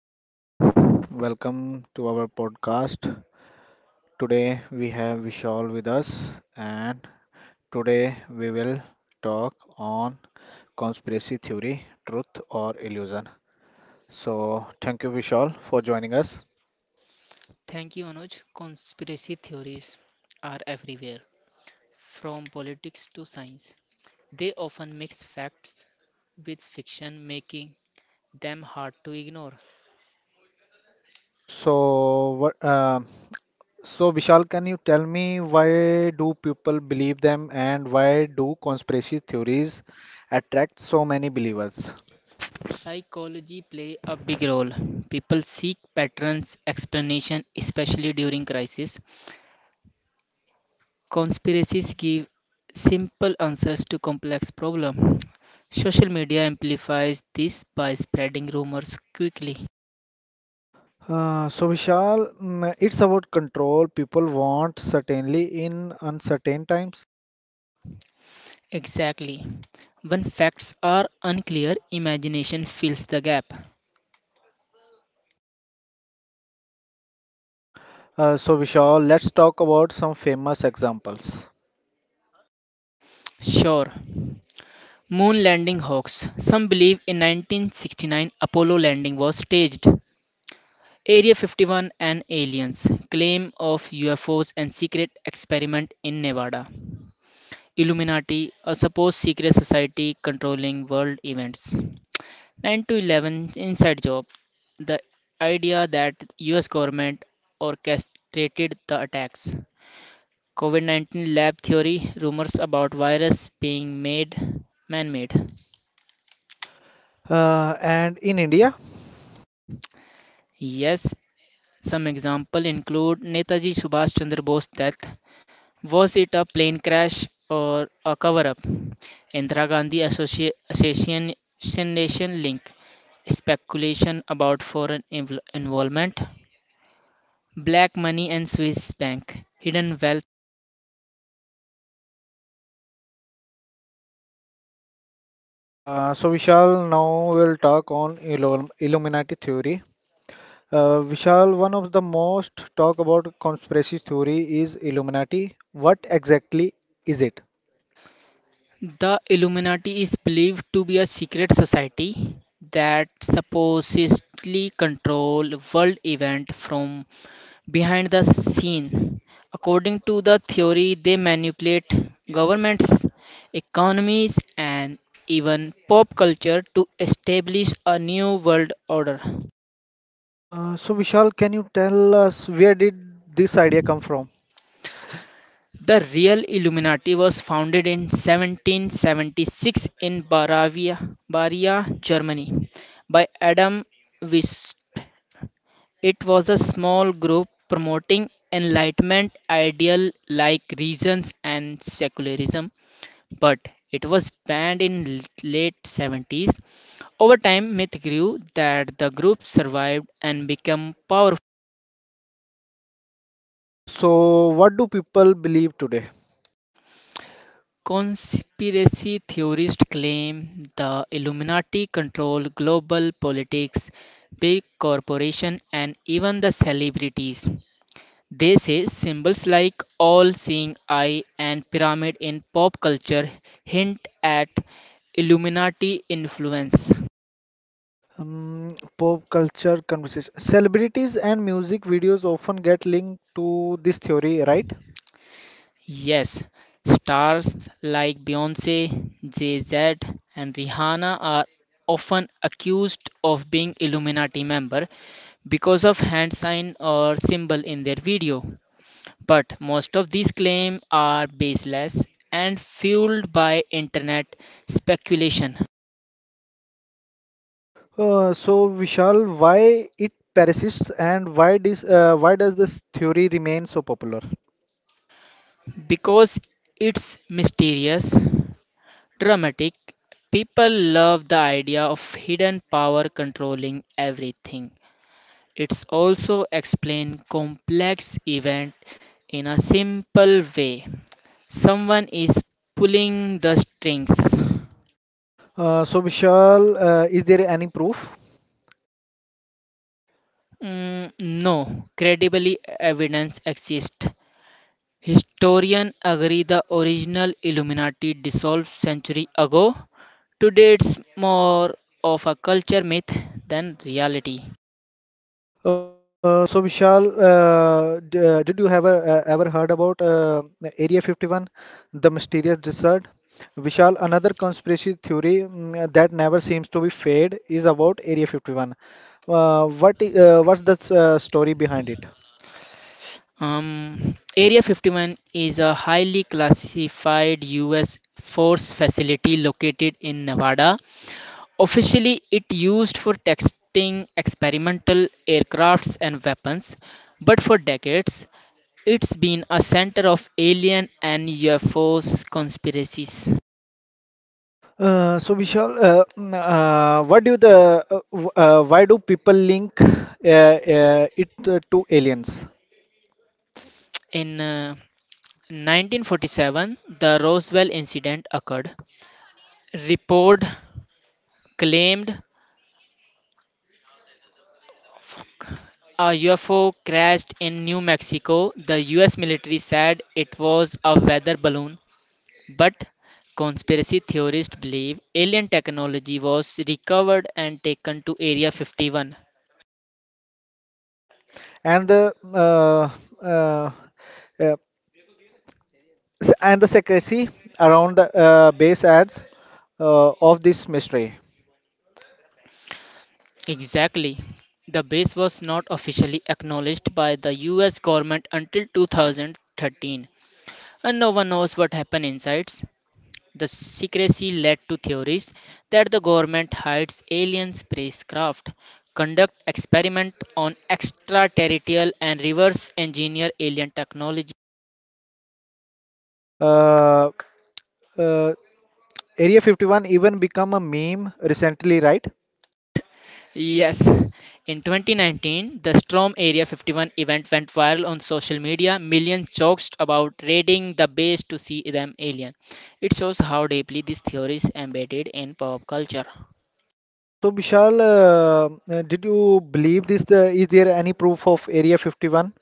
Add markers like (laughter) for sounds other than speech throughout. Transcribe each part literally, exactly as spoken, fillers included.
Hello everyone, welcome to our podcast. Today we have Vishal with us, and today we will talk on conspiracy theory, truth or illusion. So thank you Vishal for joining us. Thank you, Anuj. Conspiracy theories are everywhere, from politics to science. They often mix facts with fiction, making them hard to ignore. So what um so Vishal, can you tell me why do people believe them, and why do conspiracy theories attract so many believers? Psychology play a big role. People seek patterns, explanation, especially during crisis. Conspiracies give simple answers to complex problems. Social media amplifies this by spreading rumors quickly. Uh, so Vishal, mm, it's about control, people want certainly in uncertain times. Exactly. When facts are unclear, imagination fills the gap. Uh, so Vishal, let's talk about some famous examples. Sure. Moon landing hoax. Some believe in nineteen sixty-nine Apollo landing was staged. Area fifty-one and aliens. Claim of U F Os and secret experiment in Nevada. Illuminati, a supposed secret society controlling world events. nine to eleven inside job. The idea that U S government orchestrated the attacks. COVID nineteen lab theory rumors about virus being made man made. Uh, and in India. Yes, some example include Netaji Subhash Chandra Bose death. Was it a plane crash or a cover up? Indira Gandhi Associ- assassination link. Speculation about foreign invol- involvement. Black money and Swiss bank. Hidden wealth. Uh, so Vishal, now we'll talk on Illum- Illuminati theory. Uh, Vishal, one of the most talk about conspiracy theory is Illuminati. What exactly is it? The Illuminati is believed to be a secret society that supposedly control world events from behind the scene. According to the theory, they manipulate governments, economies, and even pop culture to establish a new world order. Uh, so Vishal, can you tell us where did this idea come from? The real Illuminati was founded in seventeen seventy-six in Bavaria, Bavaria, Germany, by Adam Weishaupt. It was a small group promoting Enlightenment ideals like reason and secularism, but it was banned in l- late seventies. Over time, myth grew that the group survived and became powerful. Uh, so what do people believe today? Conspiracy theorists claim the Illuminati control global politics, big corporations, and even the celebrities. They say symbols like all-seeing eye and pyramid in pop culture hint at Illuminati influence. Um, Pop culture conversation. Celebrities and music videos often get linked to this theory, right? Yes, stars like Beyoncé, Jay-Z, and Rihanna are often accused of being Illuminati member because of hand sign or symbol in their video. But most of these claims are baseless and fueled by internet speculation. Uh, so Vishal, why it persists, and why this, uh, why does this theory remain so popular? Because it's mysterious, dramatic, people love the idea of hidden power controlling everything. It's also explain complex event in a simple way. Someone is pulling the strings. Uh, so Vishal, uh, is there any proof? Mm, no, credibly evidence exists. Historians agree the original Illuminati dissolved century ago. Today it's more of a culture myth than reality. Uh, so Vishal, uh, d uh, did you ever uh, ever heard about uh, Area fifty-one, the mysterious desert? Vishal, another conspiracy theory mm, that never seems to be fade is about Area fifty-one. Uh, what i- uh, what's the s- uh, story behind it? Um, Area fifty-one is a highly classified U S force facility located in Nevada. Officially, it used for testing experimental aircrafts and weapons, but for decades, it's been a center of alien and U F Os conspiracies. Uh, so Vishal, uh, mm, uh, what do the uh, w- uh, why do people link uh, uh, it uh, to aliens? In uh, nineteen forty-seven, the Roswell incident occurred, report claimed a U F O crashed in New Mexico. The U S military said it was a weather balloon, but conspiracy theorists believe alien technology was recovered and taken to Area fifty-one. Uh, and the uh, uh, uh, s- and the secrecy around the uh, base ads uh, of this mystery. Exactly. The base was not officially acknowledged by the U S government until two thousand thirteen, and no one knows what happened inside. The secrecy led to theories that the government hides alien spacecraft, conduct experiment on extraterrestrial and reverse engineer alien technology. Uh, uh, Area fifty-one even become a meme recently, right? (laughs) Yes. In twenty nineteen, the Storm Area fifty-one event went viral on social media. Millions joked about raiding the base to see them alien. It shows how deeply these theories embedded in pop culture. Uh, so Vishal, uh, uh, did you believe this? The, is there any proof of Area fifty-one?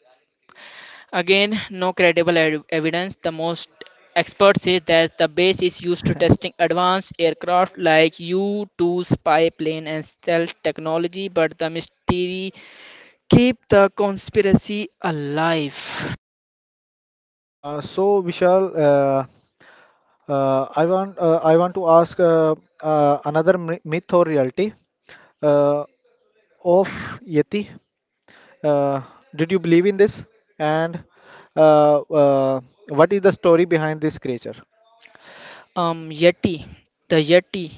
Again, no credible ev- evidence. The most experts say that the base is used to testing advanced aircraft like U two spy plane and stealth technology, but the mystery keep the conspiracy alive. Uh, so Vishal, uh, uh, I want uh, I want to ask uh, uh, another my- myth or reality uh, of Yeti. Uh, did you believe in this? And uh, uh, what is the story behind this creature? Um, Yeti, the Yeti,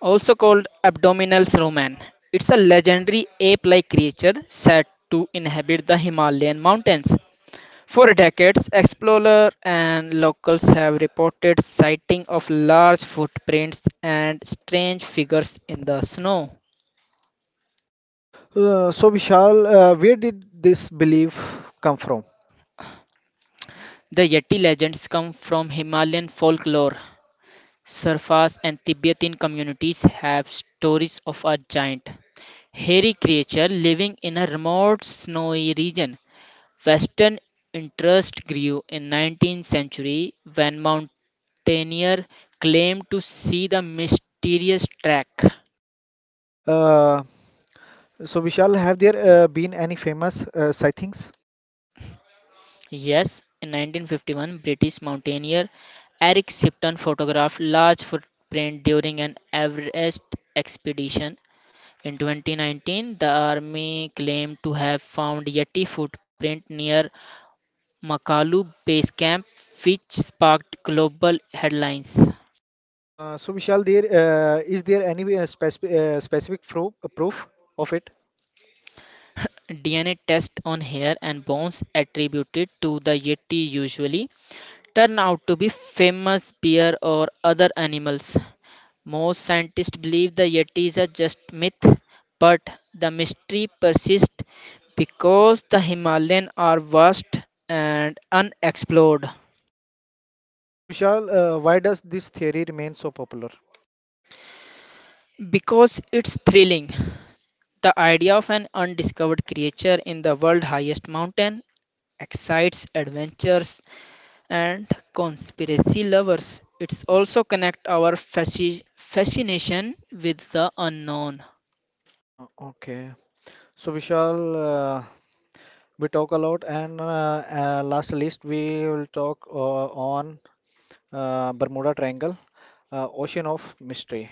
also called Abdominal Snowman, it's a legendary ape-like creature said to inhabit the Himalayan mountains. For decades, explorers and locals have reported sighting of large footprints and strange figures in the snow. Uh, so Vishal, uh, where did this belief come from? The Yeti legends come from Himalayan folklore. Surfas and Tibetan communities have stories of a giant, hairy creature living in a remote snowy region. Western interest grew in nineteenth century when mountaineers claimed to see the mysterious track. Uh, so Vishal, have there uh, been any famous uh, sightings? Yes, in nineteen fifty-one, British mountaineer Eric Shipton photographed large footprint during an Everest expedition. In twenty nineteen, the army claimed to have found Yeti footprint near Makalu base camp, which sparked global headlines. Uh, so Vishal, there uh, is there any uh, specific uh, specific pro uh, proof of it? D N A tests on hair and bones attributed to the Yeti usually turn out to be famous bear or other animals. Most scientists believe the Yeti is a just myth, but the mystery persists because the Himalayan are vast and unexplored. So Vishal, uh, why does this theory remain so popular? Because it's thrilling, the idea of an undiscovered creature in the world's highest mountain excites adventurers and conspiracy lovers. It's also connect our fasci- fascination with the unknown. Uh, okay. So Vishal, uh, we talk a lot, and uh, uh, last list we will talk uh, on uh, Bermuda Triangle, uh, Ocean of Mystery.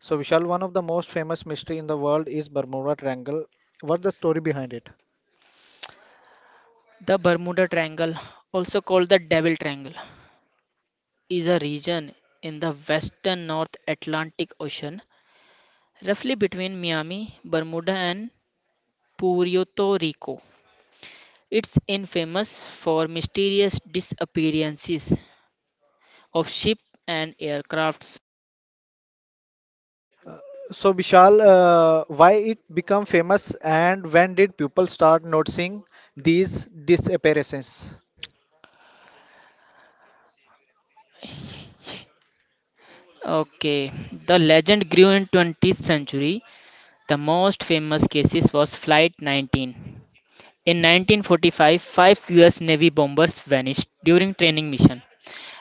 So Vishal, one of the most famous mystery in the world is Bermuda Triangle. What's the story behind it? The Bermuda Triangle, also called the Devil Triangle, is a region in the western North Atlantic Ocean, roughly between Miami, Bermuda, and Puerto Rico. It's infamous for mysterious disappearances of ships and aircrafts. So Vishal, uh, why it become famous, and when did people start noticing these disappearances? Okay, the legend grew in twentieth century. The most famous cases was Flight nineteen. In nineteen forty-five, five U S Navy bombers vanished during training mission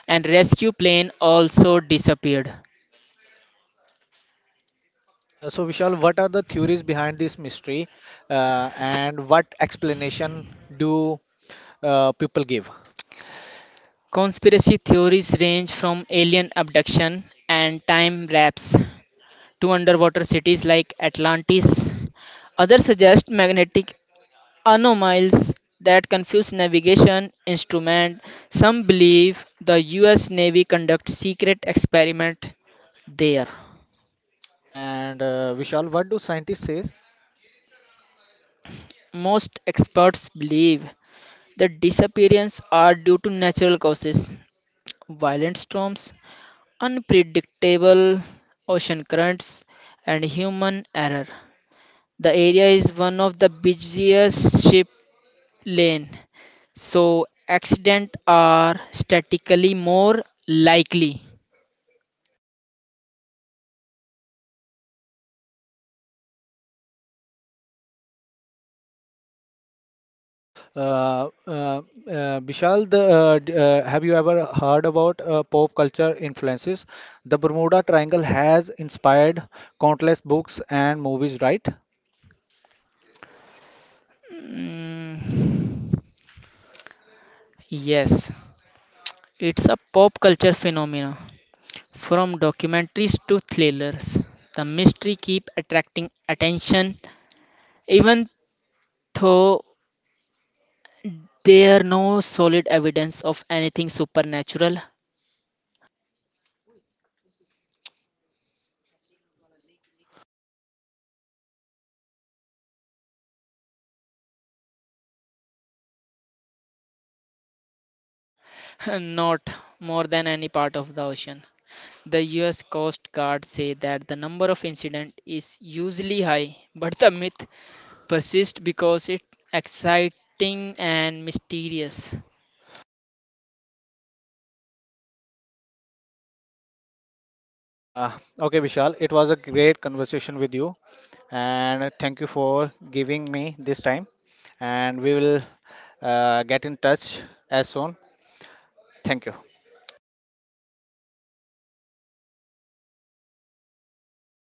and rescue plane also disappeared. Uh, so, Vishal, what are the theories behind this mystery, uh, and what explanation do uh, people give? Conspiracy theories range from alien abduction and time lapse to underwater cities like Atlantis. Others suggest magnetic anomalies that confuse navigation instruments. Some believe the U S Navy conducts secret experiments there. And uh, Vishal, what do scientists say? Most experts believe the disappearances are due to natural causes, violent storms, unpredictable ocean currents, and human error. The area is one of the busiest ship lane, so accidents are statistically more likely. Uh, uh, uh, Vishal, the, uh, d- uh, have you ever heard about uh, pop culture influences? The Bermuda Triangle has inspired countless books and movies, right? Mm, yes, it's a pop culture phenomenon. From documentaries to thrillers, the mystery keep attracting attention even though there are no solid evidence of anything supernatural. (laughs) Not more than any part of the ocean. The U S Coast Guard say that the number of incidents is usually high, but the myth persists because it's exciting and mysterious. Uh, okay, Vishal, it was a great conversation with you, and thank you for giving me this time. And we will uh, get in touch as soon. Thank you.